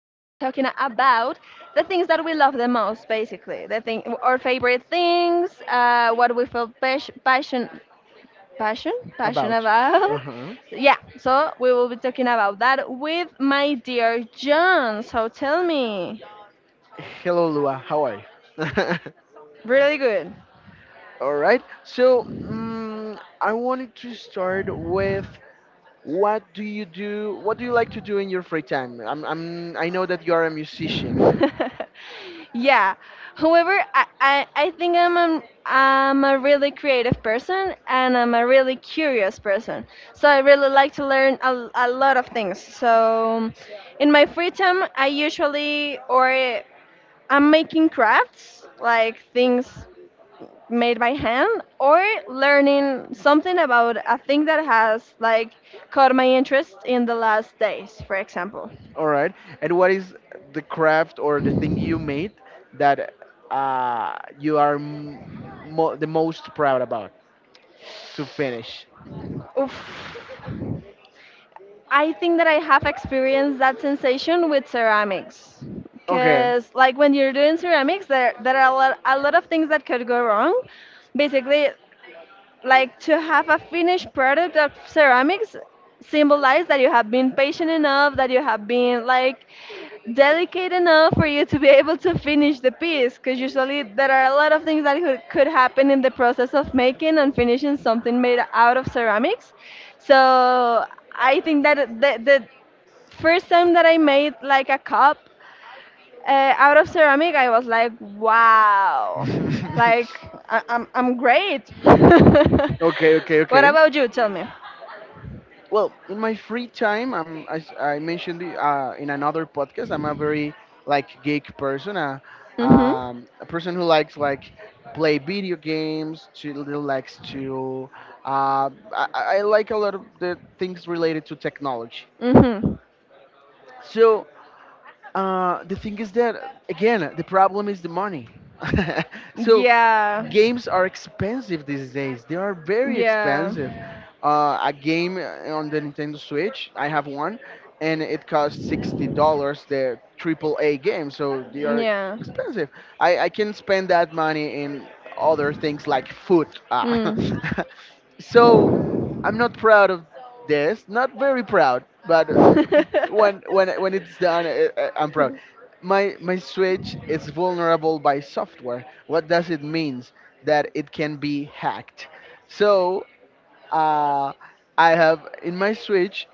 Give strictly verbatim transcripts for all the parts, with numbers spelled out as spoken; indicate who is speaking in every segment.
Speaker 1: about the things that we love the most, basically. The thing, our favorite things, uh, what we feel pas- passion, passion, passion
Speaker 2: About. Uh
Speaker 1: about.
Speaker 2: huh.
Speaker 1: Yeah. So we will be talking about that with my dear John. So tell me.
Speaker 2: Hello, Lua. How are you?
Speaker 1: Really good.
Speaker 2: All right. So mm I wanted to start with, what do you do? What do you like to do in your free time? I'm, I'm, I know that you are a musician.
Speaker 1: Musician. yeah. However, I, I, I think I'm a, I'm a really creative person and I'm a really curious person. So I really like to learn a, a lot of things. So in my free time, I usually or I'm making crafts, like things made by hand or learning something about a thing that has like caught my interest in the last days, for example.
Speaker 2: All right. And what is the craft or the thing you made that uh, you are m- mo- the most proud about to finish?
Speaker 1: Oof. I think that I have experienced that sensation with ceramics.
Speaker 2: Okay.
Speaker 1: Because, like, when you're doing ceramics, there, there are a lot, a lot of things that could go wrong. Basically, like to have a finished product of ceramics symbolize that you have been patient enough that you have been like delicate enough for you to be able to finish the piece because usually there are a lot of things that could, could happen in the process of making and finishing something made out of ceramics, so I think that the, the first time that I made like a cup uh, out of ceramic, I was like, wow, like I- I'm I'm great.
Speaker 2: Okay. Okay.
Speaker 1: What
Speaker 2: Okay.
Speaker 1: about you? Tell me.
Speaker 2: Well, in my free time, I'm, as I mentioned the- uh, in another podcast, I'm a very like geek person, a
Speaker 1: Mhm.
Speaker 2: um, a person who likes like play video games, to who likes to uh, I, I I like a lot of the things related to technology.
Speaker 1: Mhm.
Speaker 2: So uh, the thing is that, again, the problem is the money. So
Speaker 1: Yeah.
Speaker 2: games are expensive these days. They are very
Speaker 1: Yeah.
Speaker 2: expensive. Uh, a game uh, on the Nintendo Switch, I have one, and it costs sixty dollars. The triple A game, so they are
Speaker 1: Yeah.
Speaker 2: expensive. I, I can spend that money in other things like food. Ah.
Speaker 1: Mm.
Speaker 2: So I'm not proud of. Yes, not very proud, but uh, when when when it's done, I, I- I'm proud. My my Switch is vulnerable by software. What does it means? That it can be hacked. So uh, I have in my Switch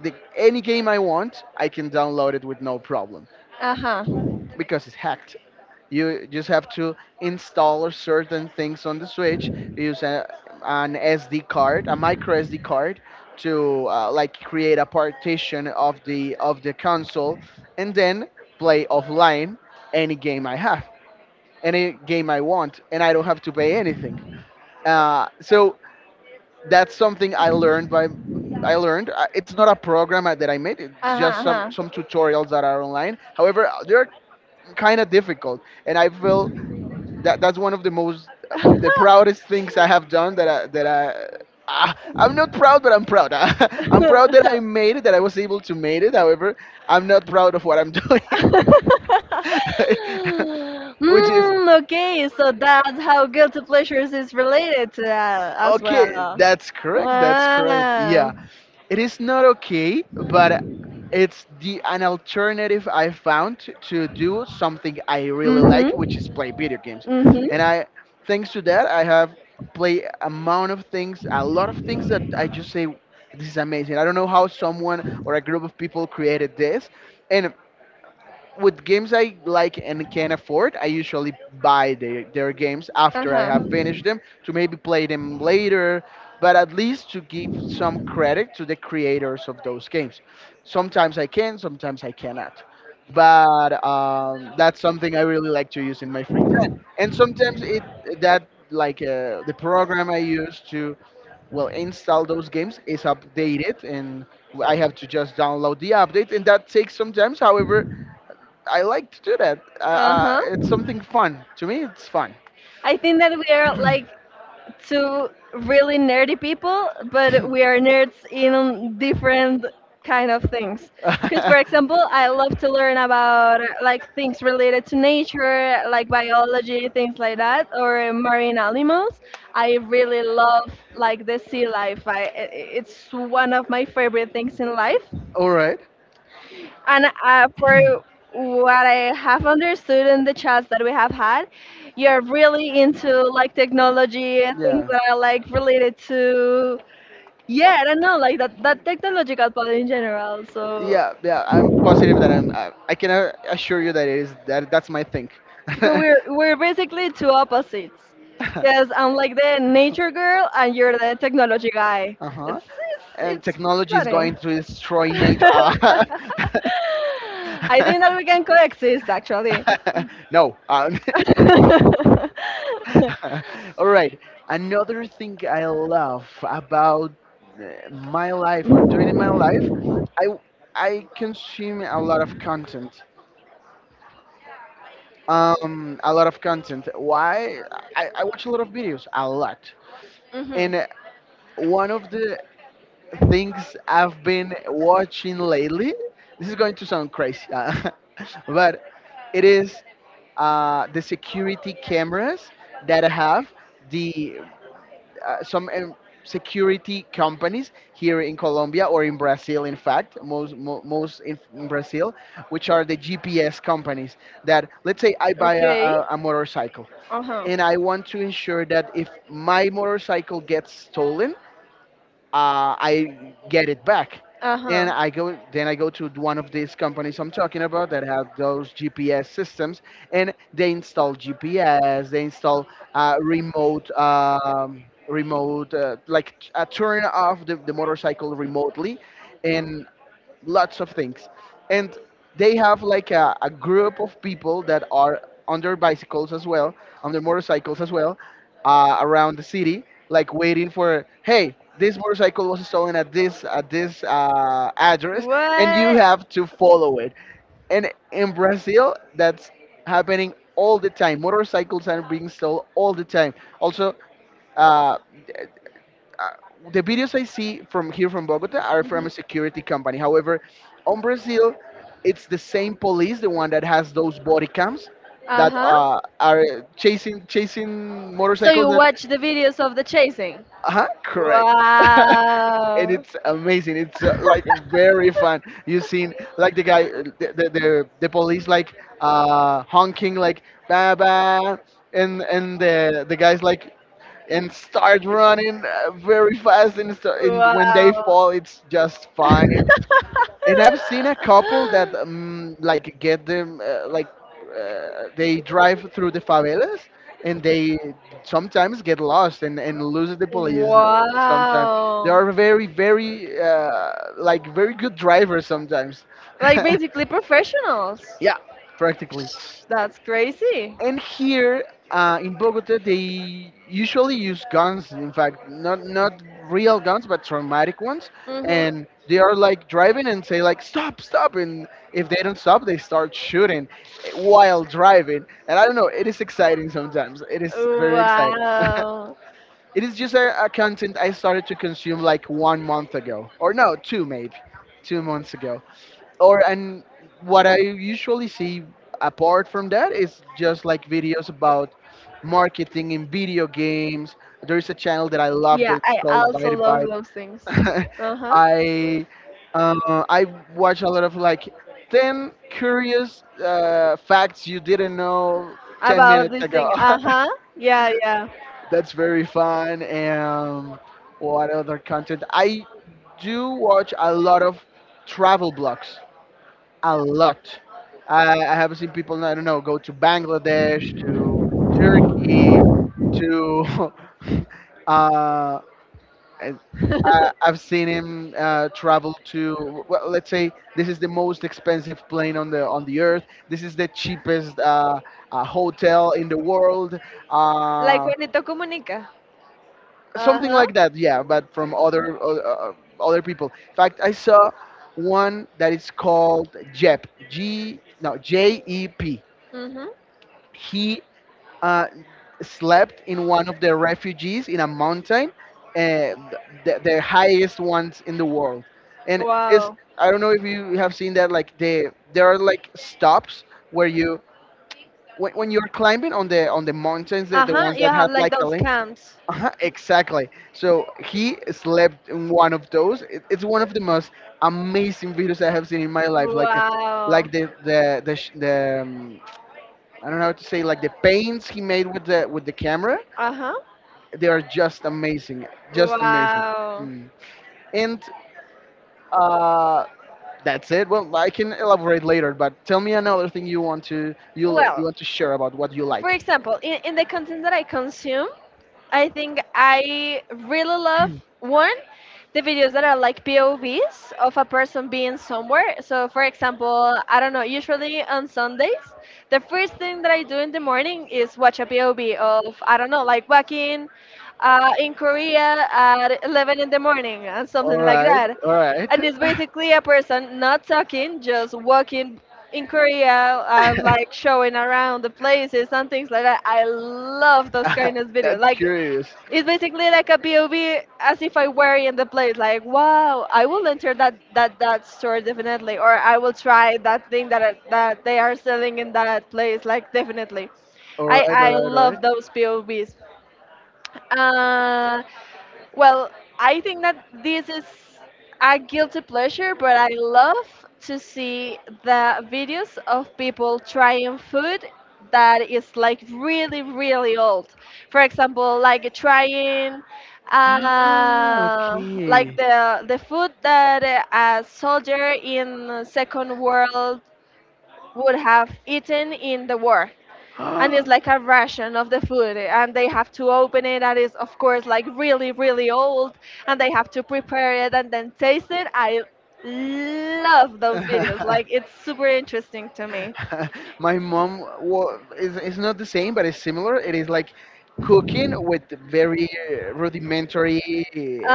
Speaker 2: the any game I want, I can download it with no problem
Speaker 1: uh huh.
Speaker 2: because it's hacked. You just have to install certain things on the Switch. Use a, an S D card, a micro S D card, to uh, like create a partition of the of the console, and then play offline any game I have, any game I want, and I don't have to pay anything. Uh, so that's something I learned by. I learned. Uh, It's not a program I- that I made. It's just
Speaker 1: Uh
Speaker 2: some
Speaker 1: huh.
Speaker 2: some tutorials that are online. However, there are kind of difficult, and I feel that that's one of the most
Speaker 1: Uh
Speaker 2: the proudest things I have done that i that i. Ah, I'm not proud, but I'm proud. I'm proud that I
Speaker 1: huh.
Speaker 2: made it, that I was able to made it. However, I'm not proud of what I'm doing, which is
Speaker 1: mm, okay, so that's how guilty pleasures is related to that as
Speaker 2: okay.
Speaker 1: well.
Speaker 2: That's correct. That's correct.
Speaker 1: Ah,
Speaker 2: Yeah. It is not okay, but it's the an alternative I found t- to do something I really
Speaker 1: mm-hmm,
Speaker 2: like, which is play video games.
Speaker 1: mm-hmm,
Speaker 2: And I, thanks to that, I have play amount of things, a lot of things, that I just say, this is amazing. I don't know how someone or a group of people created this, and with games I like and can afford, I usually buy their, their games after I
Speaker 1: uh-huh,
Speaker 2: have finished them to maybe play them later, but at least to give some credit to the creators of those games. Sometimes I can, sometimes I cannot. But um, that's something I really like to use in my free time. And sometimes it that like uh, the program I use to well install those games is updated, and I have to just download the update, and that takes some time. However, I like to do that. Uh, uh,
Speaker 1: uh-huh.
Speaker 2: it's something fun. To me, it's fun.
Speaker 1: I think that we are like two really nerdy people, but we are nerds in different kind of things. Because, for example, I love to learn about uh, like things related to nature, like biology, things like that, or marine animals. I really love like the sea life. I, I- I- it's one of my favorite things in life.
Speaker 2: All right.
Speaker 1: And uh, for what I have understood in the chats that we have had, you're really into like technology, and things
Speaker 2: Yeah.
Speaker 1: that are like related to yeah, I don't know, like that that technological part in general. So
Speaker 2: Yeah, yeah, I'm positive that I'm. I, I can uh, assure you that it is that that's my thing.
Speaker 1: so
Speaker 2: Uh
Speaker 1: we're we're basically two opposites, because I'm like the nature girl and you're the technology guy.
Speaker 2: huh.
Speaker 1: It's
Speaker 2: And
Speaker 1: it's, it's
Speaker 2: technology is
Speaker 1: funny.
Speaker 2: going to destroy nature. Ah.
Speaker 1: I think that we can coexist actually.
Speaker 2: No. Um,
Speaker 1: mhm.
Speaker 2: All right. Another thing I love about uh, my life or during my life, I I consume a lot of content. Um, a lot of content. Why? I, I watch a lot of videos, a lot. And uh, one of the things I've been watching lately, this is going to sound crazy, uh, but it is uh, the security cameras that have the uh, some um, security companies here in Colombia or in Brazil, in fact, most, mo- most in, in Brazil, which are the G P S companies that, let's say, I buy a,
Speaker 1: Okay.
Speaker 2: a, a motorcycle,
Speaker 1: Uh huh.
Speaker 2: and I want to ensure that if my motorcycle gets stolen, uh, I get it back.
Speaker 1: Uh huh.
Speaker 2: And I go, then I go to one of these companies I'm talking about that have those G P S systems, and they install G P S, they install uh, remote, um, remote, uh, like t- uh, turn off the, the motorcycle remotely, and lots of things. And they have like a, a group of people that are on their bicycles as well, on their motorcycles as well, uh, around the city, like waiting for, hey, this motorcycle was stolen at this at this uh, address, and you
Speaker 1: What?
Speaker 2: have to follow it. And in Brazil, that's happening all the time. Motorcycles are being stolen all the time. Also, uh, uh, the videos I see from here from Bogota are from
Speaker 1: Mhm.
Speaker 2: a security company. However, on Brazil, it's the same police, the one that has those body cams
Speaker 1: Uh
Speaker 2: that
Speaker 1: huh.
Speaker 2: uh, are chasing chasing
Speaker 1: So
Speaker 2: motorcycles.
Speaker 1: you
Speaker 2: That
Speaker 1: watch the videos of the chasing?
Speaker 2: uh-huh, correct. And
Speaker 1: Wow.
Speaker 2: it's amazing. It's uh, like very fun. You've seen like the guy, uh, the the, the, the police like uh, honking like ba ba, and and the the guys like and start running uh, very fast, and, st- and when they
Speaker 1: wow.
Speaker 2: fall, it's just funny. And I've seen a couple that um, like get them uh, like uh, they drive through the favelas, and they sometimes get lost, and, and lose the police uh, sometimes. They
Speaker 1: wow.
Speaker 2: are very very uh, like very good drivers sometimes.
Speaker 1: Like basically professionals.
Speaker 2: Yeah, practically.
Speaker 1: That's crazy.
Speaker 2: And here uh, in Bogota, they usually use guns. In fact, not not real guns, but traumatic ones.
Speaker 1: Mhm.
Speaker 2: And they are like driving and say like stop, stop. And if they don't stop, they start shooting while driving. And I don't know, it is exciting sometimes. It is very exciting.
Speaker 1: Wow.
Speaker 2: It is just a, a content I started to consume like one month ago, or no, two maybe, two months ago or. And what I usually see apart from that is just like videos about marketing in video games. There is a channel that I love
Speaker 1: Yeah,
Speaker 2: that's
Speaker 1: I
Speaker 2: called
Speaker 1: also
Speaker 2: Byte
Speaker 1: love those things.
Speaker 2: Byte.
Speaker 1: Uh-huh.
Speaker 2: I uh, I watch a lot of like ten curious uh, facts you didn't know ten
Speaker 1: About
Speaker 2: minutes
Speaker 1: this
Speaker 2: ago.
Speaker 1: thing. Uh-huh. Yeah, yeah.
Speaker 2: That's very fun. And what other content? I do watch a lot of travel blogs, a lot. I, I have seen people, I don't know, go to Bangladesh, to Turkey, to. uh, and I, I've seen him uh, travel to. Well, let's say this is the most expensive plane on the on the earth. This is the cheapest uh, uh, hotel in the world.
Speaker 1: Like
Speaker 2: Uh,
Speaker 1: Juanito Comunica.
Speaker 2: something
Speaker 1: Uh-huh.
Speaker 2: like that, yeah, but from other uh, uh, other people. In fact, I saw one that is called jep g, no J E P.
Speaker 1: Mm-hmm.
Speaker 2: He uh, slept in one of the refugees in a mountain, uh, the, the highest ones in the world. And it's,
Speaker 1: Wow.
Speaker 2: I don't know if you have seen that, like the there are like stops where you when, when you're climbing on the on the mountains, the, the
Speaker 1: Uh-huh.
Speaker 2: ones
Speaker 1: You
Speaker 2: that
Speaker 1: have
Speaker 2: have
Speaker 1: like
Speaker 2: like a
Speaker 1: those camps.
Speaker 2: uh-huh, exactly. So he slept in one of those. It, it's one of the most amazing videos I have seen in my life. Like, uh,
Speaker 1: Wow.
Speaker 2: like the the the, sh- the um, I don't know how to say like the paints he made with the with the camera.
Speaker 1: Uh-huh.
Speaker 2: They are just amazing, just amazing.
Speaker 1: Wow.
Speaker 2: Mm. And uh, that's it. Well, I can elaborate later, but tell me another thing you want to you you
Speaker 1: Well,
Speaker 2: want to share about what you
Speaker 1: for
Speaker 2: like.
Speaker 1: example, in, in the content that I consume, I think I really love one the videos that are like P O Vs of a person being somewhere. So for example, I don't know, usually on Sundays, the first thing that I do in the morning is watch a P O V of I don't know, like walking uh, in Korea at eleven in the morning and
Speaker 2: All
Speaker 1: something like
Speaker 2: right,
Speaker 1: that.
Speaker 2: all right.
Speaker 1: And it's basically a person not talking, just walking in Korea and like showing around the places and things like that. I love those kind of videos.
Speaker 2: That's
Speaker 1: Like
Speaker 2: curious.
Speaker 1: it's basically like a P O V as if I were in the place. Like, wow, I will enter that that that store definitely, or I will try that thing that I- that they are selling in that place. Like, definitely,
Speaker 2: All
Speaker 1: I
Speaker 2: right, all
Speaker 1: I
Speaker 2: right, all right.
Speaker 1: love those P O Vs. Uh, well, I think that this is a guilty pleasure, but I love to see the videos of people trying food that is like really, really old. For example, like trying
Speaker 2: Ah,
Speaker 1: uh, like
Speaker 2: okay.
Speaker 1: the the food that uh, a soldier in Second World would have eaten in the war,
Speaker 2: Ah,
Speaker 1: and it's like a ration of the food and they have to open it and it's of course like really really old, and they have to prepare it and then taste it. I love those videos, like it's super interesting to me.
Speaker 2: my mom wa is, it's not the same, but it's similar. It is like cooking with very rudimentary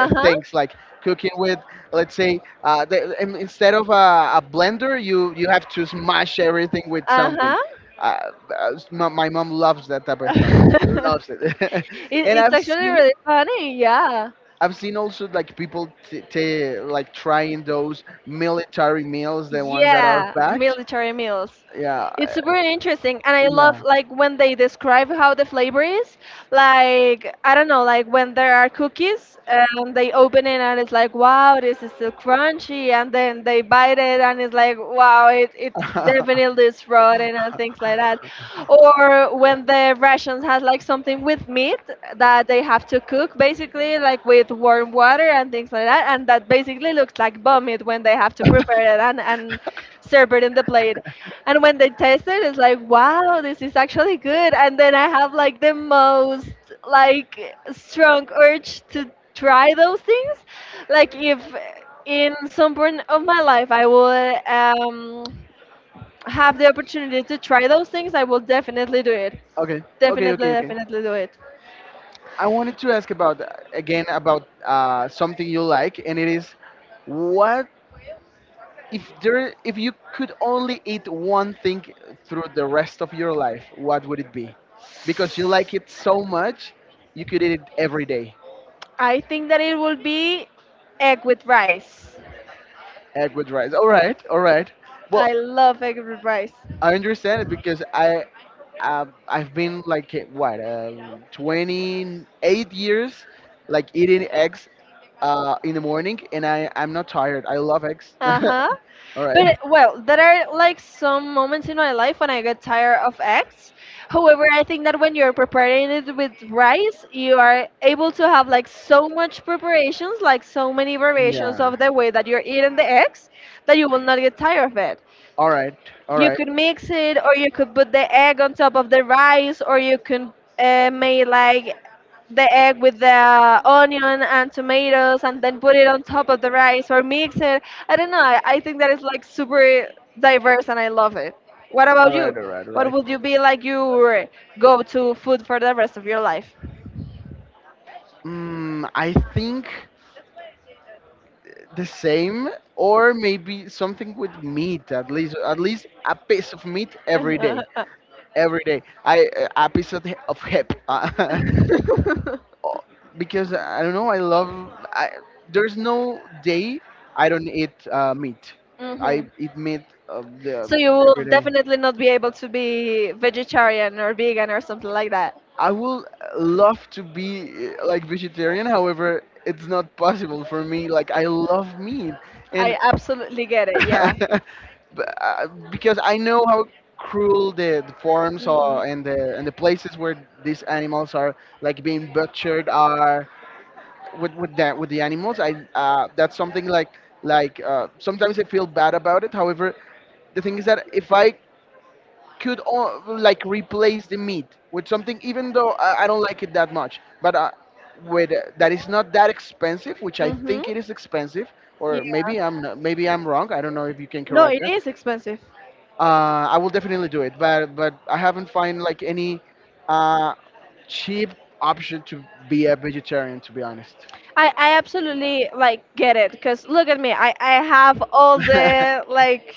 Speaker 2: uh, things, like cooking with, let's say, uh, the, in- instead of a, a blender, you you have to smash everything with something.
Speaker 1: Uh-huh.
Speaker 2: Uh, uh, s- my, my mom loves that type of content, loves it.
Speaker 1: it,
Speaker 2: And
Speaker 1: it's
Speaker 2: I've
Speaker 1: actually
Speaker 2: seen,
Speaker 1: really funny. Yeah.
Speaker 2: I've seen also like people t- t- like trying those military meals, the ones that are
Speaker 1: Yeah,
Speaker 2: packed.
Speaker 1: military meals.
Speaker 2: Yeah, uh,
Speaker 1: It's super interesting, and I love
Speaker 2: yeah.
Speaker 1: like when they describe how the flavor is. Like I don't know, like when there are cookies and they open it and it's like, wow, this is still crunchy, and then they bite it and it's like, wow, it it definitely is rotten and things like that. Or when the rations has like something with meat that they have to cook, basically like with warm water and things like that, and that basically looks like vomit when they have to prepare it and and serve it in the plate. And when they taste it, it's like, wow, this is actually good. And then I have like the most like strong urge to try those things. Like if in some point of my life I would um, have the opportunity to try those things, I will definitely do it.
Speaker 2: Okay, okay,
Speaker 1: Definitely,
Speaker 2: okay, okay.
Speaker 1: definitely do it.
Speaker 2: I wanted to ask about uh, again about uh, something you like, and it is what, if there, if you could only eat one thing through the rest of your life, what would it be? Because you like it so much, you could eat it every day.
Speaker 1: I think that it will be egg with rice.
Speaker 2: Egg with rice. All right, all right. Well,
Speaker 1: I love egg with rice.
Speaker 2: I understand it because I um, I've been like eh, what um, twenty-eight years like eating eggs uh, in the morning, and I I'm not tired. I love eggs.
Speaker 1: Uh-huh.
Speaker 2: All right.
Speaker 1: But uh, well, there are like some moments in my life when I get tired of eggs. However, I think that when you're preparing it with rice, you are able to have like so much preparations, like so many variations
Speaker 2: Yeah.
Speaker 1: of the way that you're eating the eggs, that you will not get tired of it.
Speaker 2: All right. All
Speaker 1: You
Speaker 2: right.
Speaker 1: could mix it, or you could put the egg on top of the rice, or you can uh, make like the egg with the onion and tomatoes, and then put it on top of the rice, or mix it. I don't know. I, I think that is like super diverse, and I love it. What about
Speaker 2: All
Speaker 1: you?
Speaker 2: right. All right. All
Speaker 1: What
Speaker 2: right.
Speaker 1: would you be like your go-to food for the rest of your life?
Speaker 2: Mm, I think. The same, or maybe something with meat. At least at least a piece of meat every day, every day I uh, a piece of, he- of hip uh, o- because uh, I don't know, I love I, there's no day I don't eat uh, meat. I
Speaker 1: mhm.
Speaker 2: eat meat uh, the,
Speaker 1: So you will
Speaker 2: every day.
Speaker 1: definitely not be able to be vegetarian or vegan or something like that.
Speaker 2: I would love to be uh, like vegetarian, however it's not possible for me, like I love meat. And
Speaker 1: I absolutely get it. Yeah.
Speaker 2: B- uh, because I know how cruel the, the forms
Speaker 1: Mm.
Speaker 2: are, and the and the places where these animals are like being butchered are with with that, with the animals. I uh, That's something like like uh, sometimes I feel bad about it. However, the thing is that if I could o- like replace the meat with something, even though I, I don't like it that much, but uh, with uh, that is not that expensive, which I
Speaker 1: Mhm.
Speaker 2: think it is expensive,
Speaker 1: Yeah.
Speaker 2: or maybe I'm not, maybe I'm wrong. I don't know if you can
Speaker 1: No,
Speaker 2: correct.
Speaker 1: it is expensive.
Speaker 2: uh, I will definitely do it, but but I haven't find like any uh, cheap option to be a vegetarian, to be honest.
Speaker 1: I, I absolutely like get it because look at me. I, I have all the like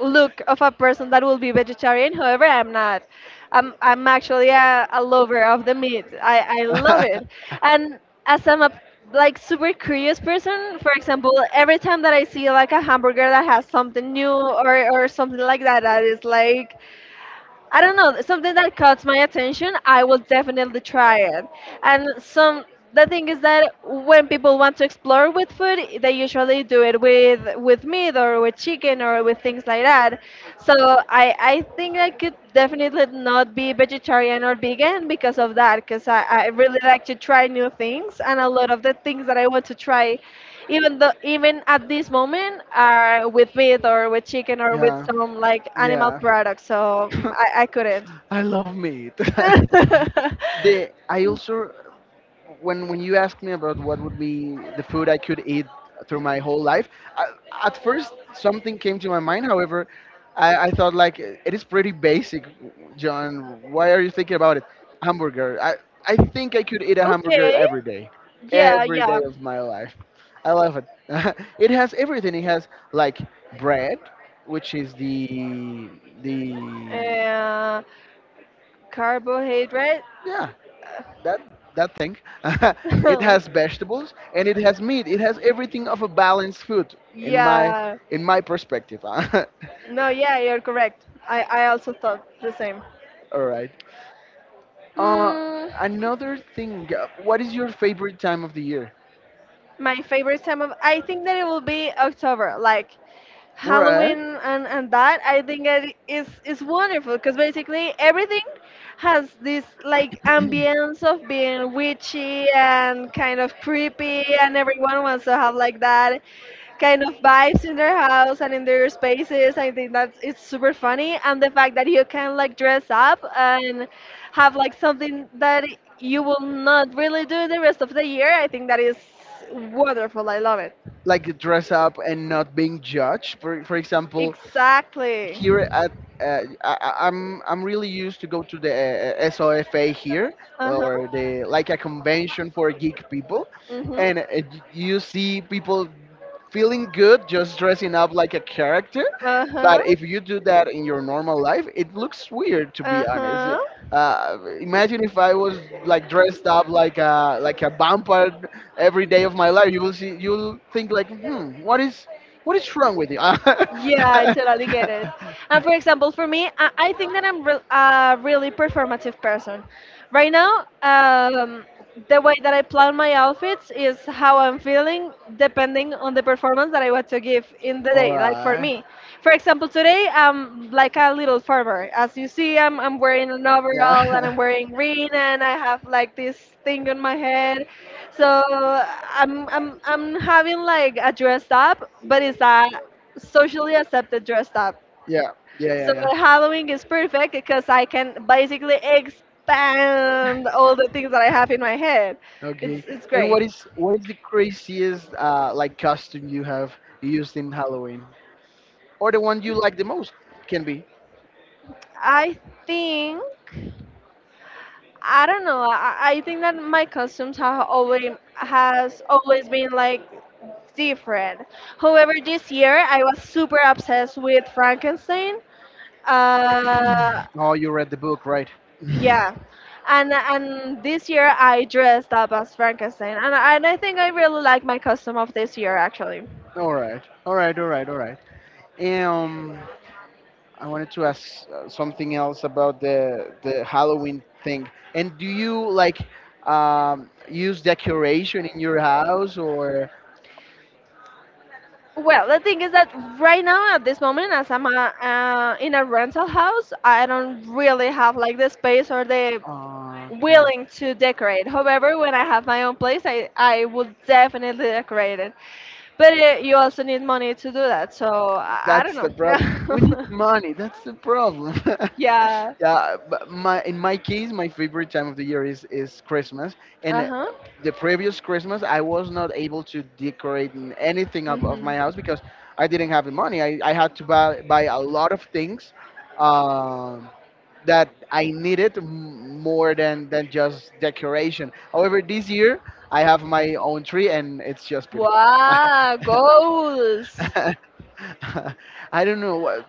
Speaker 1: look of a person that will be vegetarian. However, I'm not. I'm I'm actually a, a lover of the meat. I, I love it. And as I'm a like super curious person, for example, every time that I see like a hamburger that has something new or, or something like that that is like I don't know, something that caught my attention, I will definitely try it. And some the thing is that when people want to explore with food, they usually do it with with meat or with chicken or with things like that. So I I think I could definitely not be vegetarian or vegan because of that, because I, I really like to try new things and a lot of the things that I want to try even though even at this moment are with meat or with chicken or with
Speaker 2: Yeah,
Speaker 1: some like animal
Speaker 2: yeah.
Speaker 1: products, so mm, i, I couldn't.
Speaker 2: I love meat. the I also, when when you asked me about what would be the food I could eat through my whole life, I, at first something came to my mind. However, I, I thought like it is pretty basic. John, why are you thinking about it? Hamburger. I I think I could eat a hamburger
Speaker 1: Okay.
Speaker 2: every day,
Speaker 1: Yeah,
Speaker 2: every
Speaker 1: yeah,
Speaker 2: day of my life. I love it. It has everything. It has like bread, which is the the
Speaker 1: uh, carbohydrate.
Speaker 2: yeah, that that thing. It has vegetables, and it has meat, it has everything of a balanced food, in my
Speaker 1: Yeah,
Speaker 2: in my perspective. All
Speaker 1: no yeah, you're correct. i i also thought the same.
Speaker 2: right. uh
Speaker 1: mm,
Speaker 2: Another thing, uh, what is your favorite time of the year?
Speaker 1: my favorite time of, I think that it will be October, like
Speaker 2: All right.
Speaker 1: Halloween. and, and that I think it is is wonderful because basically everything has this like ambience of being witchy and kind of creepy and everyone wants to have like that kind of vibes in their house and in their spaces. I think that's it's super funny and the fact that you can like dress up and have like something that you will not really do the rest of the year. I think that is wonderful. I love it.
Speaker 2: Like dress up and not being judged for for example,
Speaker 1: Exactly.
Speaker 2: here at uh, I, I- am I'm really used to go to the uh, SOFA here,
Speaker 1: Uh huh.
Speaker 2: or the like a convention for geek people,
Speaker 1: Mhm.
Speaker 2: and uh, you see people feeling good just dressing up like a character.
Speaker 1: Uh-huh.
Speaker 2: But if you do that in your normal life, it looks weird, to be honest.
Speaker 1: Uh-huh.
Speaker 2: Uh, imagine if I was like dressed up like a like a vampire every day of my life. You will see. You'll think like, hmm, what is what is wrong with you? All
Speaker 1: Yeah, I totally get it. And for example, for me, I, I think that I'm re- a really performative person. Right now, um, the way that I plan my outfits is how I'm feeling depending on the performance that I want to give in the day. Like for
Speaker 2: right.
Speaker 1: me, for example, today I'm like a little farmer. As you see, I'm, I'm wearing an
Speaker 2: Yeah.
Speaker 1: overall and
Speaker 2: Yeah.
Speaker 1: I'm wearing green and I have like this thing on my head. So I'm, I'm, I'm having like a dressed up, but it's a socially accepted dressed up.
Speaker 2: Yeah. Yeah.
Speaker 1: So
Speaker 2: Yeah.
Speaker 1: Halloween is perfect because I can basically expand all the things that I have in my head. It's
Speaker 2: Okay.
Speaker 1: it's
Speaker 2: And
Speaker 1: great.
Speaker 2: what is what is the craziest uh like costume you have used in Halloween, or the one you like the most? Can be.
Speaker 1: I think I don't know. I, I think that my costumes have always has always been like different. However, this year I was super obsessed with Frankenstein. Uh,
Speaker 2: Oh, you read the book, right?
Speaker 1: Yeah, and and this year I dressed up as Frankenstein, and I- and I think I really like my costume of this year actually.
Speaker 2: All right. All right. All right. All right. Um, I wanted to ask uh, something else about the the Halloween thing. And do you like um use decoration in your house, or
Speaker 1: Well, the thing is that right now at this moment, as I'm uh, uh, in a rental house, I don't really have like the space or the
Speaker 2: Oh, okay.
Speaker 1: willing to decorate. However, when I have my own place, I I would definitely decorate it. But uh, you also need money to do that, so I, I don't
Speaker 2: That's the problem. We need
Speaker 1: know.
Speaker 2: money. That's the problem.
Speaker 1: Yeah.
Speaker 2: Yeah, but my in my case, my favorite time of the year is is Christmas. And uh,
Speaker 1: Uh
Speaker 2: the previous Christmas, I was not able to decorate n- anything of, of
Speaker 1: huh.
Speaker 2: my house, because I didn't have the money. I, I had to buy buy a lot of things um, that I needed m- more than than just decoration. However, this year I have my own tree, and it's just beautiful.
Speaker 1: Wow, goals.
Speaker 2: I don't know. why-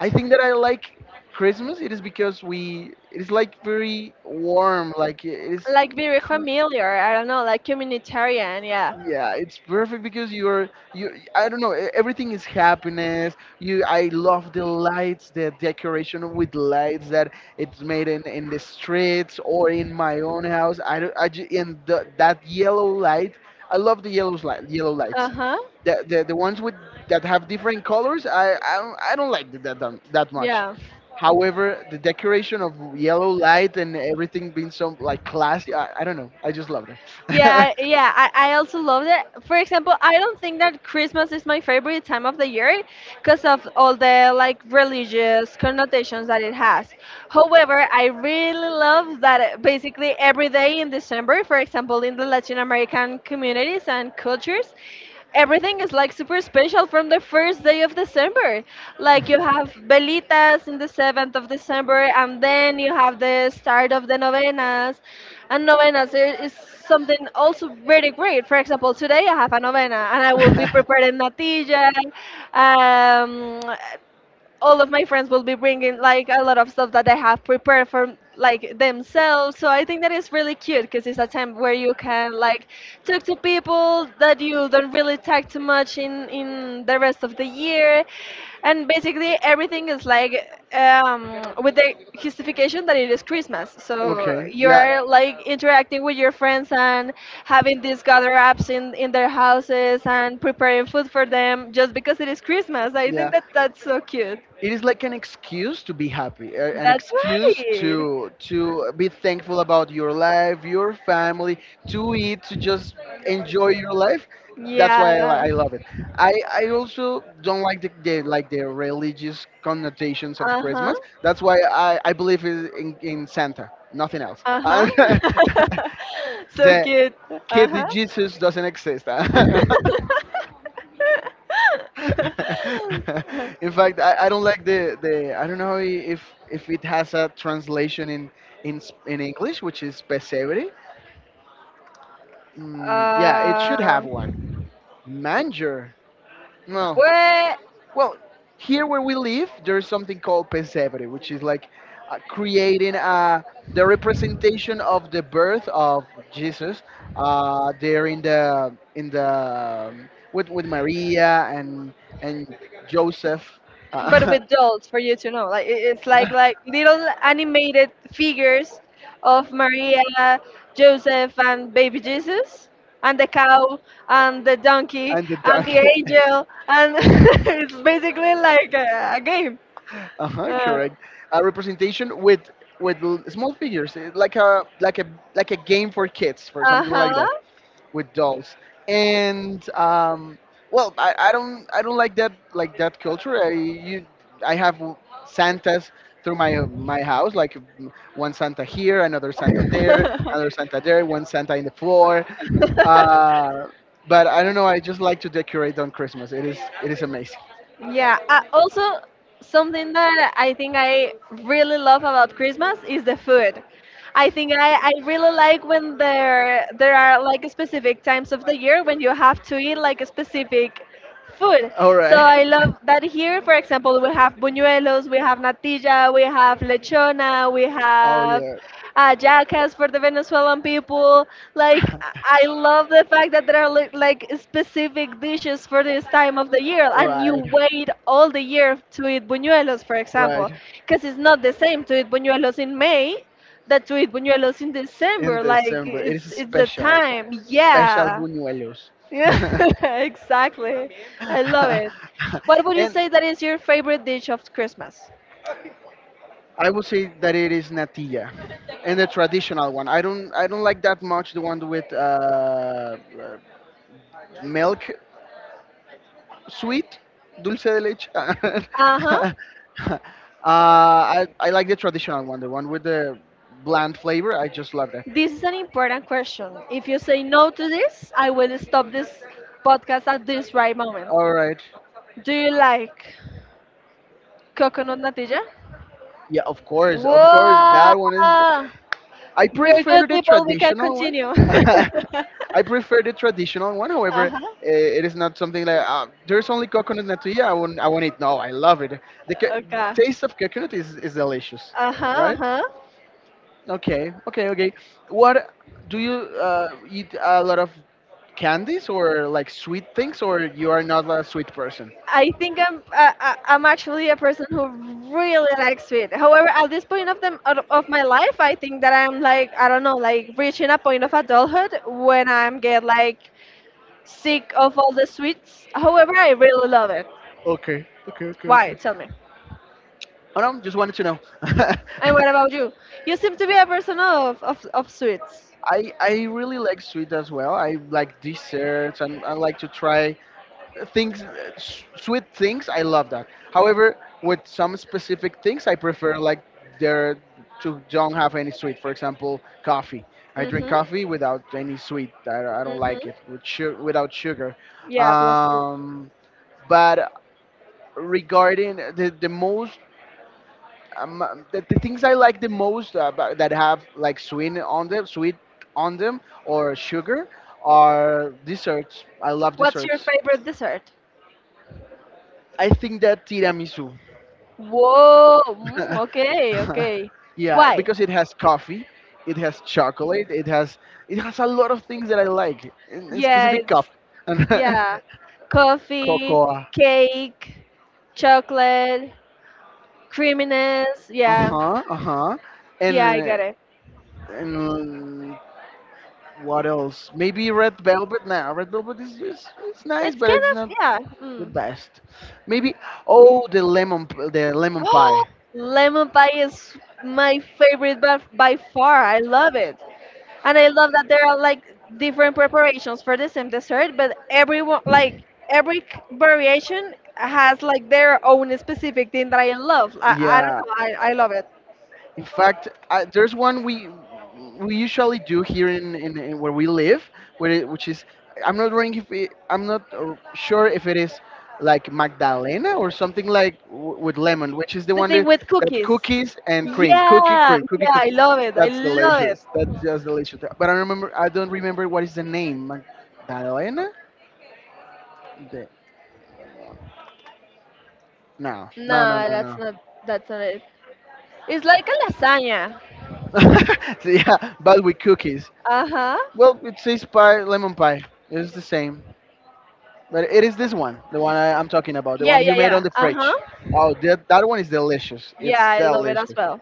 Speaker 2: I think that I like Christmas. It is because we. It is like very warm. Like it is.
Speaker 1: Like very familiar. I don't know, like communitarian. Yeah.
Speaker 2: Yeah, it's perfect, because you're you, I don't know, e- everything is happiness. You I love the lights, the decoration with lights that it's made in in the streets or in my own house. I don't I ju- and the, that yellow light. I love the yellow light, yellow
Speaker 1: Uh
Speaker 2: lights.
Speaker 1: huh.
Speaker 2: The, the the ones with that have different colors, I I don't, I don't like that that that much.
Speaker 1: Yeah.
Speaker 2: However, the decoration of yellow light and everything being so like classy, I, I don't know. I just love that.
Speaker 1: Yeah. Yeah. I, I also love that. For example, I don't think that Christmas is my favorite time of the year because of all the like religious connotations that it has. However, I really love that uh, basically every day in December, for example, in the Latin American communities and cultures, everything is like super special from the first day of December. Like you have velitas in the seventh of December, and then you have the start of the novenas. And novenas there is something also very great. For example, today I have a novena, and I will be preparing natilla. Um, all of my friends will be bringing like a lot of stuff that they have prepared for like themselves, so I think that is really cute because it's a time where you can like talk to people that you don't really talk to much in in the rest of the year, and basically everything is like um with the justification that it is Christmas, so
Speaker 2: Okay.
Speaker 1: you
Speaker 2: Yeah.
Speaker 1: are like interacting with your friends and having these gather ups in in their houses and preparing food for them just because it is Christmas. I
Speaker 2: Yeah,
Speaker 1: think that that's so cute.
Speaker 2: it is like an excuse to be happy, a- an
Speaker 1: That's
Speaker 2: excuse
Speaker 1: right.
Speaker 2: to to be thankful about your life, your family, to eat, to just enjoy your life. That's why I,
Speaker 1: Yeah.
Speaker 2: li- I love it. I, I also don't like the, the like the religious connotations of
Speaker 1: Uh huh.
Speaker 2: Christmas. That's why I, I believe in, in in Santa, nothing else.
Speaker 1: Uh
Speaker 2: the
Speaker 1: huh. So cute. Uh
Speaker 2: kid Jesus doesn't exist.
Speaker 1: huh.
Speaker 2: In fact, I, I don't like the, the I don't know if if it has a translation in in s- in English, which is pesebre. Mm, yeah, it should
Speaker 1: uh,
Speaker 2: have one. Manger. No.
Speaker 1: well,
Speaker 2: Well, here where we live, there's something called pesebre, which is like uh, creating uh, the representation of the birth of Jesus uh, there in the in the um, with with Maria and and Joseph.
Speaker 1: but
Speaker 2: Uh,
Speaker 1: with dolls for you to know. Like it- it's like like little animated figures of Maria, Joseph, and baby Jesus, and the cow, and the donkey,
Speaker 2: and the
Speaker 1: and the
Speaker 2: donkey.
Speaker 1: angel, and it's basically like a, a game.
Speaker 2: Uh-huh, correct. A representation with with l- small figures, eh, like a like a like a game for kids, for
Speaker 1: Uh
Speaker 2: something like
Speaker 1: huh.
Speaker 2: that, with dolls. And um, well, I, I don't I don't like that like that culture. I you, I have Santas through my my house, like mm, one Santa here, another Santa there, another Santa there, one Santa in the floor. Uh, but I don't know. I just like to decorate on Christmas. It is it is amazing.
Speaker 1: Yeah. Uh, also, something that I think I really love about Christmas is the food. I think I, I really like when there there are like specific times of the year when you have to eat like a specific food.
Speaker 2: All
Speaker 1: So
Speaker 2: right.
Speaker 1: I love that here, for example, we have buñuelos, we have natilla, we have lechona, we
Speaker 2: Oh
Speaker 1: have
Speaker 2: yeah,
Speaker 1: ayacas for the Venezuelan people. Like, I I love the fact that there are li- like specific dishes for this time of the year, and you
Speaker 2: right,
Speaker 1: wait all the year to eat buñuelos, for example,
Speaker 2: right.
Speaker 1: because it's not the same to eat buñuelos in May that to eat buñuelos in
Speaker 2: In
Speaker 1: December. Like,
Speaker 2: December, it
Speaker 1: it's
Speaker 2: is
Speaker 1: it's the
Speaker 2: special,
Speaker 1: time.
Speaker 2: special
Speaker 1: Yeah.
Speaker 2: buñuelos.
Speaker 1: Yeah, exactly. I love it. What would you
Speaker 2: And
Speaker 1: say that is your favorite dish of Christmas?
Speaker 2: I would say that it is natilla, and the traditional one. I don't, I don't like that much the one with uh, uh, milk, sweet, dulce de leche.
Speaker 1: Uh huh.
Speaker 2: uh, I, I like the traditional one, the one with the bland flavor. I just love that.
Speaker 1: This is an important question. If you say no to this, I will stop this podcast at this right moment.
Speaker 2: All right.
Speaker 1: Do you like coconut natilla?
Speaker 2: Yeah, of course, of course.
Speaker 1: Whoa!
Speaker 2: That one is I
Speaker 1: We're
Speaker 2: prefer
Speaker 1: good
Speaker 2: the
Speaker 1: people. We can
Speaker 2: traditional one.
Speaker 1: continue. Uh
Speaker 2: I prefer the traditional one. However, uh,
Speaker 1: huh.
Speaker 2: it is not something like uh, there's only coconut natilla. I won't. I won't eat. No, I love it. The co-
Speaker 1: Okay.
Speaker 2: taste of coconut is, is delicious,
Speaker 1: Uh huh. Uh
Speaker 2: right?
Speaker 1: huh.
Speaker 2: Okay, okay, okay. What do you uh, eat? A lot of candies or like sweet things, or you are not a sweet person?
Speaker 1: I think I'm I, I- I'm actually a person who really likes sweet. However, at this point of the of of my life, I think that I'm like, I don't know, like reaching a point of adulthood when I'm get like sick of all the sweets. However, I really love it.
Speaker 2: Okay, okay, okay,
Speaker 1: Why?
Speaker 2: okay.
Speaker 1: Tell me.
Speaker 2: Oh no, just wanted to know.
Speaker 1: And what about you? You seem to be a person of of, of sweets.
Speaker 2: I I really like sweet as well. I like desserts, and I like to try things, uh, s- sweet things. I love that. However, with some specific things, I prefer like there to don't have any sweet. For example, coffee. I drink
Speaker 1: Mhm.
Speaker 2: coffee without any sweet. I, I don't like
Speaker 1: Mhm.
Speaker 2: it with su- without sugar.
Speaker 1: Yeah, plus two.
Speaker 2: Um, but regarding the the most um, uh, the, the things I like the most, uh, ba- that have like sweet on them, sweet on them, or sugar, are desserts. I love
Speaker 1: What's your
Speaker 2: desserts.
Speaker 1: favorite dessert?
Speaker 2: I think that tiramisu.
Speaker 1: Whoa. Mm, okay. Okay.
Speaker 2: Yeah,
Speaker 1: Why?
Speaker 2: because it has coffee, it has chocolate, it has it has a lot of things that I like, in, in
Speaker 1: Yeah,
Speaker 2: specific
Speaker 1: it's
Speaker 2: coffee and
Speaker 1: Yeah. Coffee,
Speaker 2: cocoa.
Speaker 1: cake, chocolate, creaminess.
Speaker 2: Uh
Speaker 1: Yeah.
Speaker 2: huh. Uh huh.
Speaker 1: Yeah, I
Speaker 2: And
Speaker 1: got it.
Speaker 2: and what else? Maybe red velvet. Nah, red velvet is just, it's nice,
Speaker 1: It's
Speaker 2: but
Speaker 1: kind
Speaker 2: it's
Speaker 1: of,
Speaker 2: not
Speaker 1: yeah.
Speaker 2: the
Speaker 1: Mm.
Speaker 2: best. Maybe oh the lemon p- the lemon
Speaker 1: Oh,
Speaker 2: pie.
Speaker 1: lemon pie is my favorite by, by far. I love it. And I love that there are like different preparations for the same dessert, but everyone, like every c- variation has like their own specific thing that I love. I, I don't
Speaker 2: Yeah.
Speaker 1: know. I, I love it.
Speaker 2: In fact, I, there's one we we usually do here in, in, in where we live, where it, which is I'm not wrong if it, I'm not uh, sure if it is like Magdalena or something like w- with lemon, which is the
Speaker 1: The
Speaker 2: one
Speaker 1: thing
Speaker 2: that,
Speaker 1: with
Speaker 2: that
Speaker 1: cookies.
Speaker 2: cookies and cream, cookie
Speaker 1: Yeah,
Speaker 2: cream, cookie
Speaker 1: yeah,
Speaker 2: cream.
Speaker 1: I love it. I
Speaker 2: That's
Speaker 1: love it.
Speaker 2: delicious. That's just delicious. But I remember I don't remember what is the name. Magdalena? The, no, no, no,
Speaker 1: No,
Speaker 2: no,
Speaker 1: that's
Speaker 2: no.
Speaker 1: not that's not it. It's like a lasagna.
Speaker 2: So, yeah, but with cookies.
Speaker 1: Uh-huh.
Speaker 2: Well, it says pie, lemon pie. It's the same, but it is this one, the one I, I'm talking about, the
Speaker 1: Yeah,
Speaker 2: one you
Speaker 1: yeah,
Speaker 2: made on
Speaker 1: yeah.
Speaker 2: the fridge.
Speaker 1: Uh-huh.
Speaker 2: Oh, that that one is delicious.
Speaker 1: Yeah,
Speaker 2: It's
Speaker 1: I love it as
Speaker 2: delicious,
Speaker 1: well.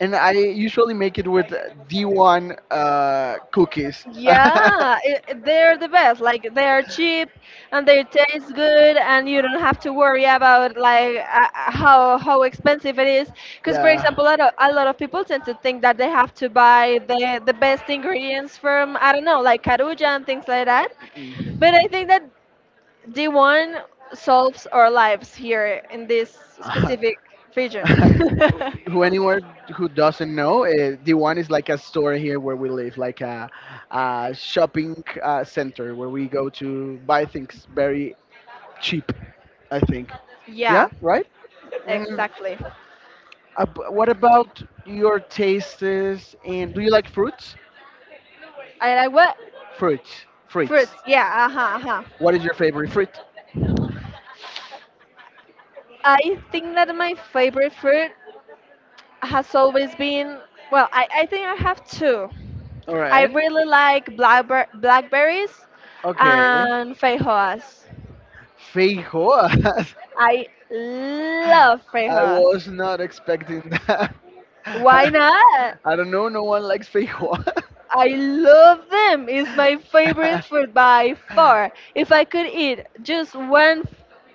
Speaker 2: and I usually make it with D one uh, cookies.
Speaker 1: Yeah, i i- they're the best. Like they are cheap and they taste good, and you don't have to worry about like uh, uh, how how expensive it is. Because for
Speaker 2: Yeah.
Speaker 1: example, a lot, of, a lot of people tend to think that they have to buy the the best ingredients from I don't know, like Caruja and things like that.
Speaker 2: Mm.
Speaker 1: But I think that D one solves our lives here in this specific region.
Speaker 2: Who, anyone who doesn't know, uh, the one is like a store here where we live, like a, a shopping uh, center where we go to buy things very cheap. I think. Yeah,
Speaker 1: Yeah,
Speaker 2: right. Mm,
Speaker 1: exactly.
Speaker 2: ab- what about your tastes? And do you like fruits?
Speaker 1: I like what?
Speaker 2: Fruits,
Speaker 1: Fruits,
Speaker 2: fruits.
Speaker 1: yeah, uh-huh, uh-huh.
Speaker 2: What is your favorite fruit?
Speaker 1: I think that my favorite fruit has always been, well, I, I think I have two.
Speaker 2: All
Speaker 1: I
Speaker 2: right.
Speaker 1: really like blackber blackberries
Speaker 2: Okay.
Speaker 1: and feijoas.
Speaker 2: Feijoas.
Speaker 1: I love
Speaker 2: I
Speaker 1: feijoas.
Speaker 2: was not expecting that.
Speaker 1: Why not?
Speaker 2: I don't know. No one likes feijoa.
Speaker 1: I love them. It's my favorite fruit by far. If I could eat just one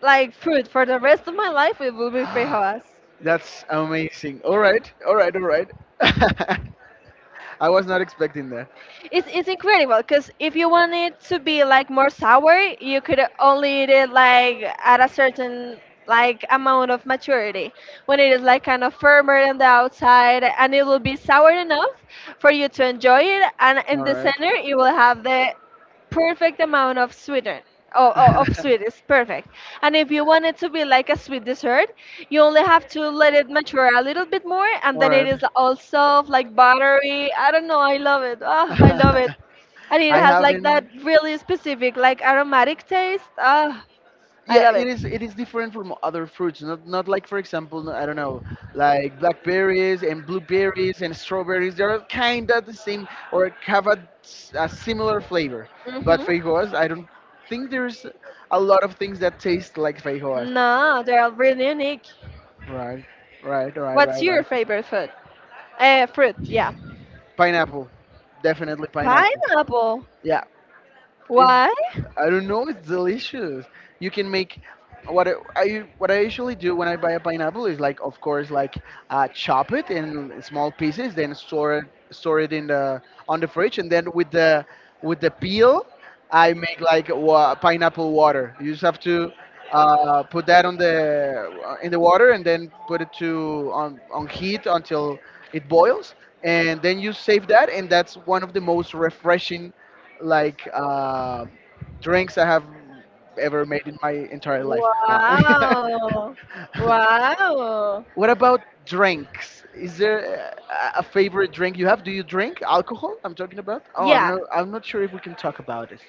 Speaker 1: like fruit for the rest of my life, it would be feijoas.
Speaker 2: That's amazing. All right, all right, all right. I was not expecting that.
Speaker 1: It's it's incredible because if you want it to be like more sour, you could only eat it like at a certain like amount of maturity when it is like kind of firmer on the outside, and it will be sour enough for you to enjoy it, and in
Speaker 2: All
Speaker 1: the
Speaker 2: right.
Speaker 1: center it will have the perfect amount of sweeten, oh, oh, of sweet is perfect. And if you want it to be like a sweet dessert, you only have to let it mature a little bit more, and
Speaker 2: All
Speaker 1: then it
Speaker 2: right.
Speaker 1: is all soft like buttery. I don't know, I love it. Ah, I love it, and it
Speaker 2: I
Speaker 1: has like that
Speaker 2: haven't.
Speaker 1: really specific like aromatic taste. Ah, I
Speaker 2: Yeah,
Speaker 1: love
Speaker 2: it
Speaker 1: it.
Speaker 2: is. It is different from other fruits. Not not like, for example, I don't know, like blackberries and blueberries and strawberries. They're kind of the same, or have a, s- a similar flavor. But
Speaker 1: Hmm.
Speaker 2: feijoas, I don't think there's a lot of things that taste like feijoas.
Speaker 1: No, they're really unique.
Speaker 2: Right, right, right,
Speaker 1: What's
Speaker 2: right,
Speaker 1: your
Speaker 2: right.
Speaker 1: favorite food uh, fruit? Yeah,
Speaker 2: Pineapple, definitely pineapple.
Speaker 1: pineapple.
Speaker 2: Yeah, it's.
Speaker 1: Why?
Speaker 2: I don't know. It's delicious. You can make what I I- what I usually do when I buy a pineapple is like, of course, like uh, chop it in small pieces, then store it store it in the on the fridge, and then with the with the peel, I make like wa- pineapple water. You just have to uh, put that on the in the water, and then put it to on on heat until it boils, and then you save that, and that's one of the most refreshing like. Uh, drinks I have ever made in my entire life. Nah.
Speaker 1: Wow. Wow.
Speaker 2: What about drinks? Is there uh, a a favorite drink you have? Do you drink alcohol? I'm talking about. Oh, I'm
Speaker 1: Yeah.
Speaker 2: not. I'm not sure if we can talk about it.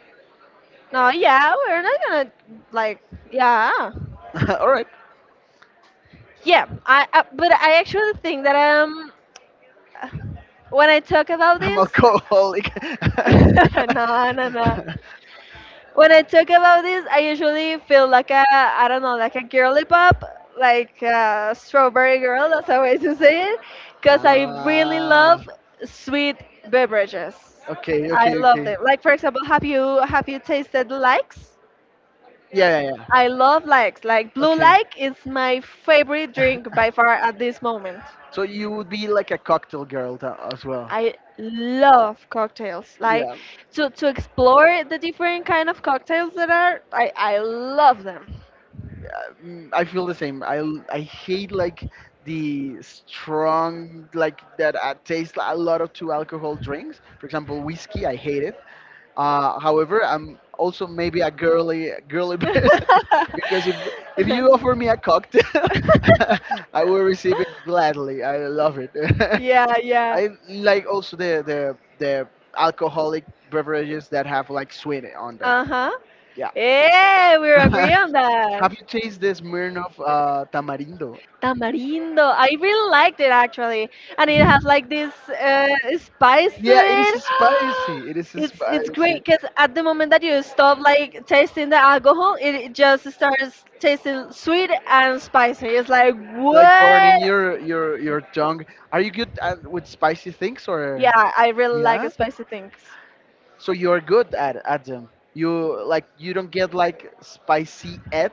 Speaker 1: No, yeah, we're not gonna like yeah.
Speaker 2: All right,
Speaker 1: Yeah, I, I but I actually think that um when I talk about
Speaker 2: I'm
Speaker 1: this
Speaker 2: alcoholic.
Speaker 1: no, no, no. When I talk about this, I usually feel like a, I don't know, like a girly pop, like a strawberry girl, that's how I used to say it, because I really
Speaker 2: Ah,
Speaker 1: love sweet beverages.
Speaker 2: okay,
Speaker 1: I
Speaker 2: okay,
Speaker 1: love
Speaker 2: okay.
Speaker 1: them. Like for example, have you have you tasted likes?
Speaker 2: Yeah, yeah, yeah.
Speaker 1: I love likes. Like blue
Speaker 2: Okay.
Speaker 1: like is my favorite drink by far at this moment.
Speaker 2: So you would be like a cocktail girl tha- as well.
Speaker 1: I love cocktails. Like
Speaker 2: Yeah.
Speaker 1: to to explore the different kind of cocktails that are, I I love them.
Speaker 2: Mm, I feel the same. I l- I hate like the strong like that uh, taste a lot of two alcohol drinks. For example, whiskey. I hate it. Uh, however, I'm also maybe a girly girly person, because if if you offer me a cocktail, I will receive it gladly. I love it.
Speaker 1: Yeah, yeah.
Speaker 2: I like also the the the alcoholic beverages that have like sweet on there.
Speaker 1: Uh huh.
Speaker 2: Yeah.
Speaker 1: Hey, we're agree on
Speaker 2: Have
Speaker 1: that.
Speaker 2: you tasted this Smirnoff uh, Tamarindo?
Speaker 1: Tamarindo. I really liked it actually, and it has like this uh, spice to
Speaker 2: Yeah, it is
Speaker 1: it.
Speaker 2: spicy. It is
Speaker 1: It's it's
Speaker 2: spicy.
Speaker 1: great because at the moment that you stop like tasting the alcohol, it, it just starts tasting sweet and spicy. It's like
Speaker 2: Like burning
Speaker 1: what?
Speaker 2: your your your tongue. Are you good at, with spicy things, or?
Speaker 1: Yeah, I really like
Speaker 2: Yeah.
Speaker 1: spicy things.
Speaker 2: So you are good at at them. You like you don't get like spicy at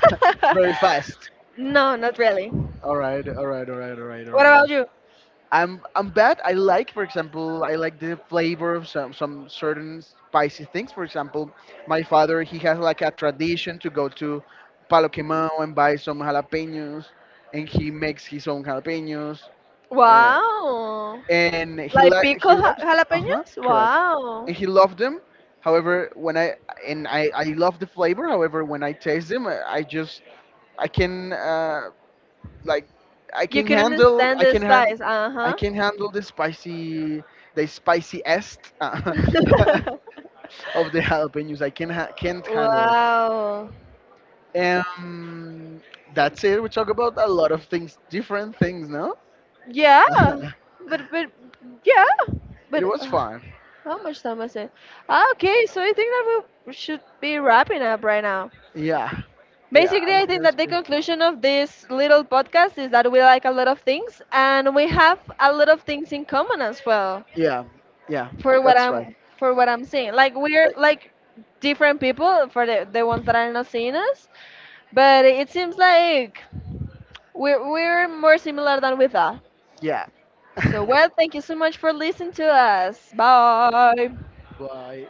Speaker 2: very fast.
Speaker 1: No, not really.
Speaker 2: All right. All right. All right. All right. All
Speaker 1: What
Speaker 2: right. All
Speaker 1: about
Speaker 2: right.
Speaker 1: you?
Speaker 2: I'm I'm bad. I like, for example, I like the flavor of some some certain spicy things. For example, my father he has like a tradition to go to Palo Quemado and buy some jalapenos, and he makes his own jalapenos, uh,
Speaker 1: Wow.
Speaker 2: and he
Speaker 1: Like
Speaker 2: li- he
Speaker 1: pickled ja-
Speaker 2: loves. Uh huh.
Speaker 1: jalapenos?
Speaker 2: Correct.
Speaker 1: Wow.
Speaker 2: And he loved them. However, when I and I I love the flavor. However, when I taste them, I, I just I can. Uh, like I
Speaker 1: You
Speaker 2: can
Speaker 1: couldn't
Speaker 2: handle
Speaker 1: stand
Speaker 2: I
Speaker 1: the
Speaker 2: can hand
Speaker 1: spice.
Speaker 2: I
Speaker 1: Uh-huh.
Speaker 2: can handle the spicy, the spiciest uh, of the jalapenos. I can ha- can't handle it.
Speaker 1: Wow.
Speaker 2: Um, that's it. We talk about a lot of things, different things. No,
Speaker 1: Yeah. But but yeah.
Speaker 2: it
Speaker 1: But
Speaker 2: was
Speaker 1: uh,
Speaker 2: fun.
Speaker 1: how much time was it? Ah, okay, so I think that we should be wrapping up right now.
Speaker 2: Yeah, yeah. I
Speaker 1: Basically,
Speaker 2: was
Speaker 1: I
Speaker 2: thinking
Speaker 1: think
Speaker 2: that's
Speaker 1: that the
Speaker 2: great.
Speaker 1: conclusion of this little podcast is that we like a lot of things and we have a lot of things in common as well.
Speaker 2: Yeah, yeah.
Speaker 1: For what
Speaker 2: That's right.
Speaker 1: I'm for what I'm saying, like we're
Speaker 2: Uh,
Speaker 1: like different people for the, the ones that are not seeing us, but it seems like we're we're more similar than we thought.
Speaker 2: yeah.
Speaker 1: So well, thank you so much for listening to us. Bye.
Speaker 2: Bye.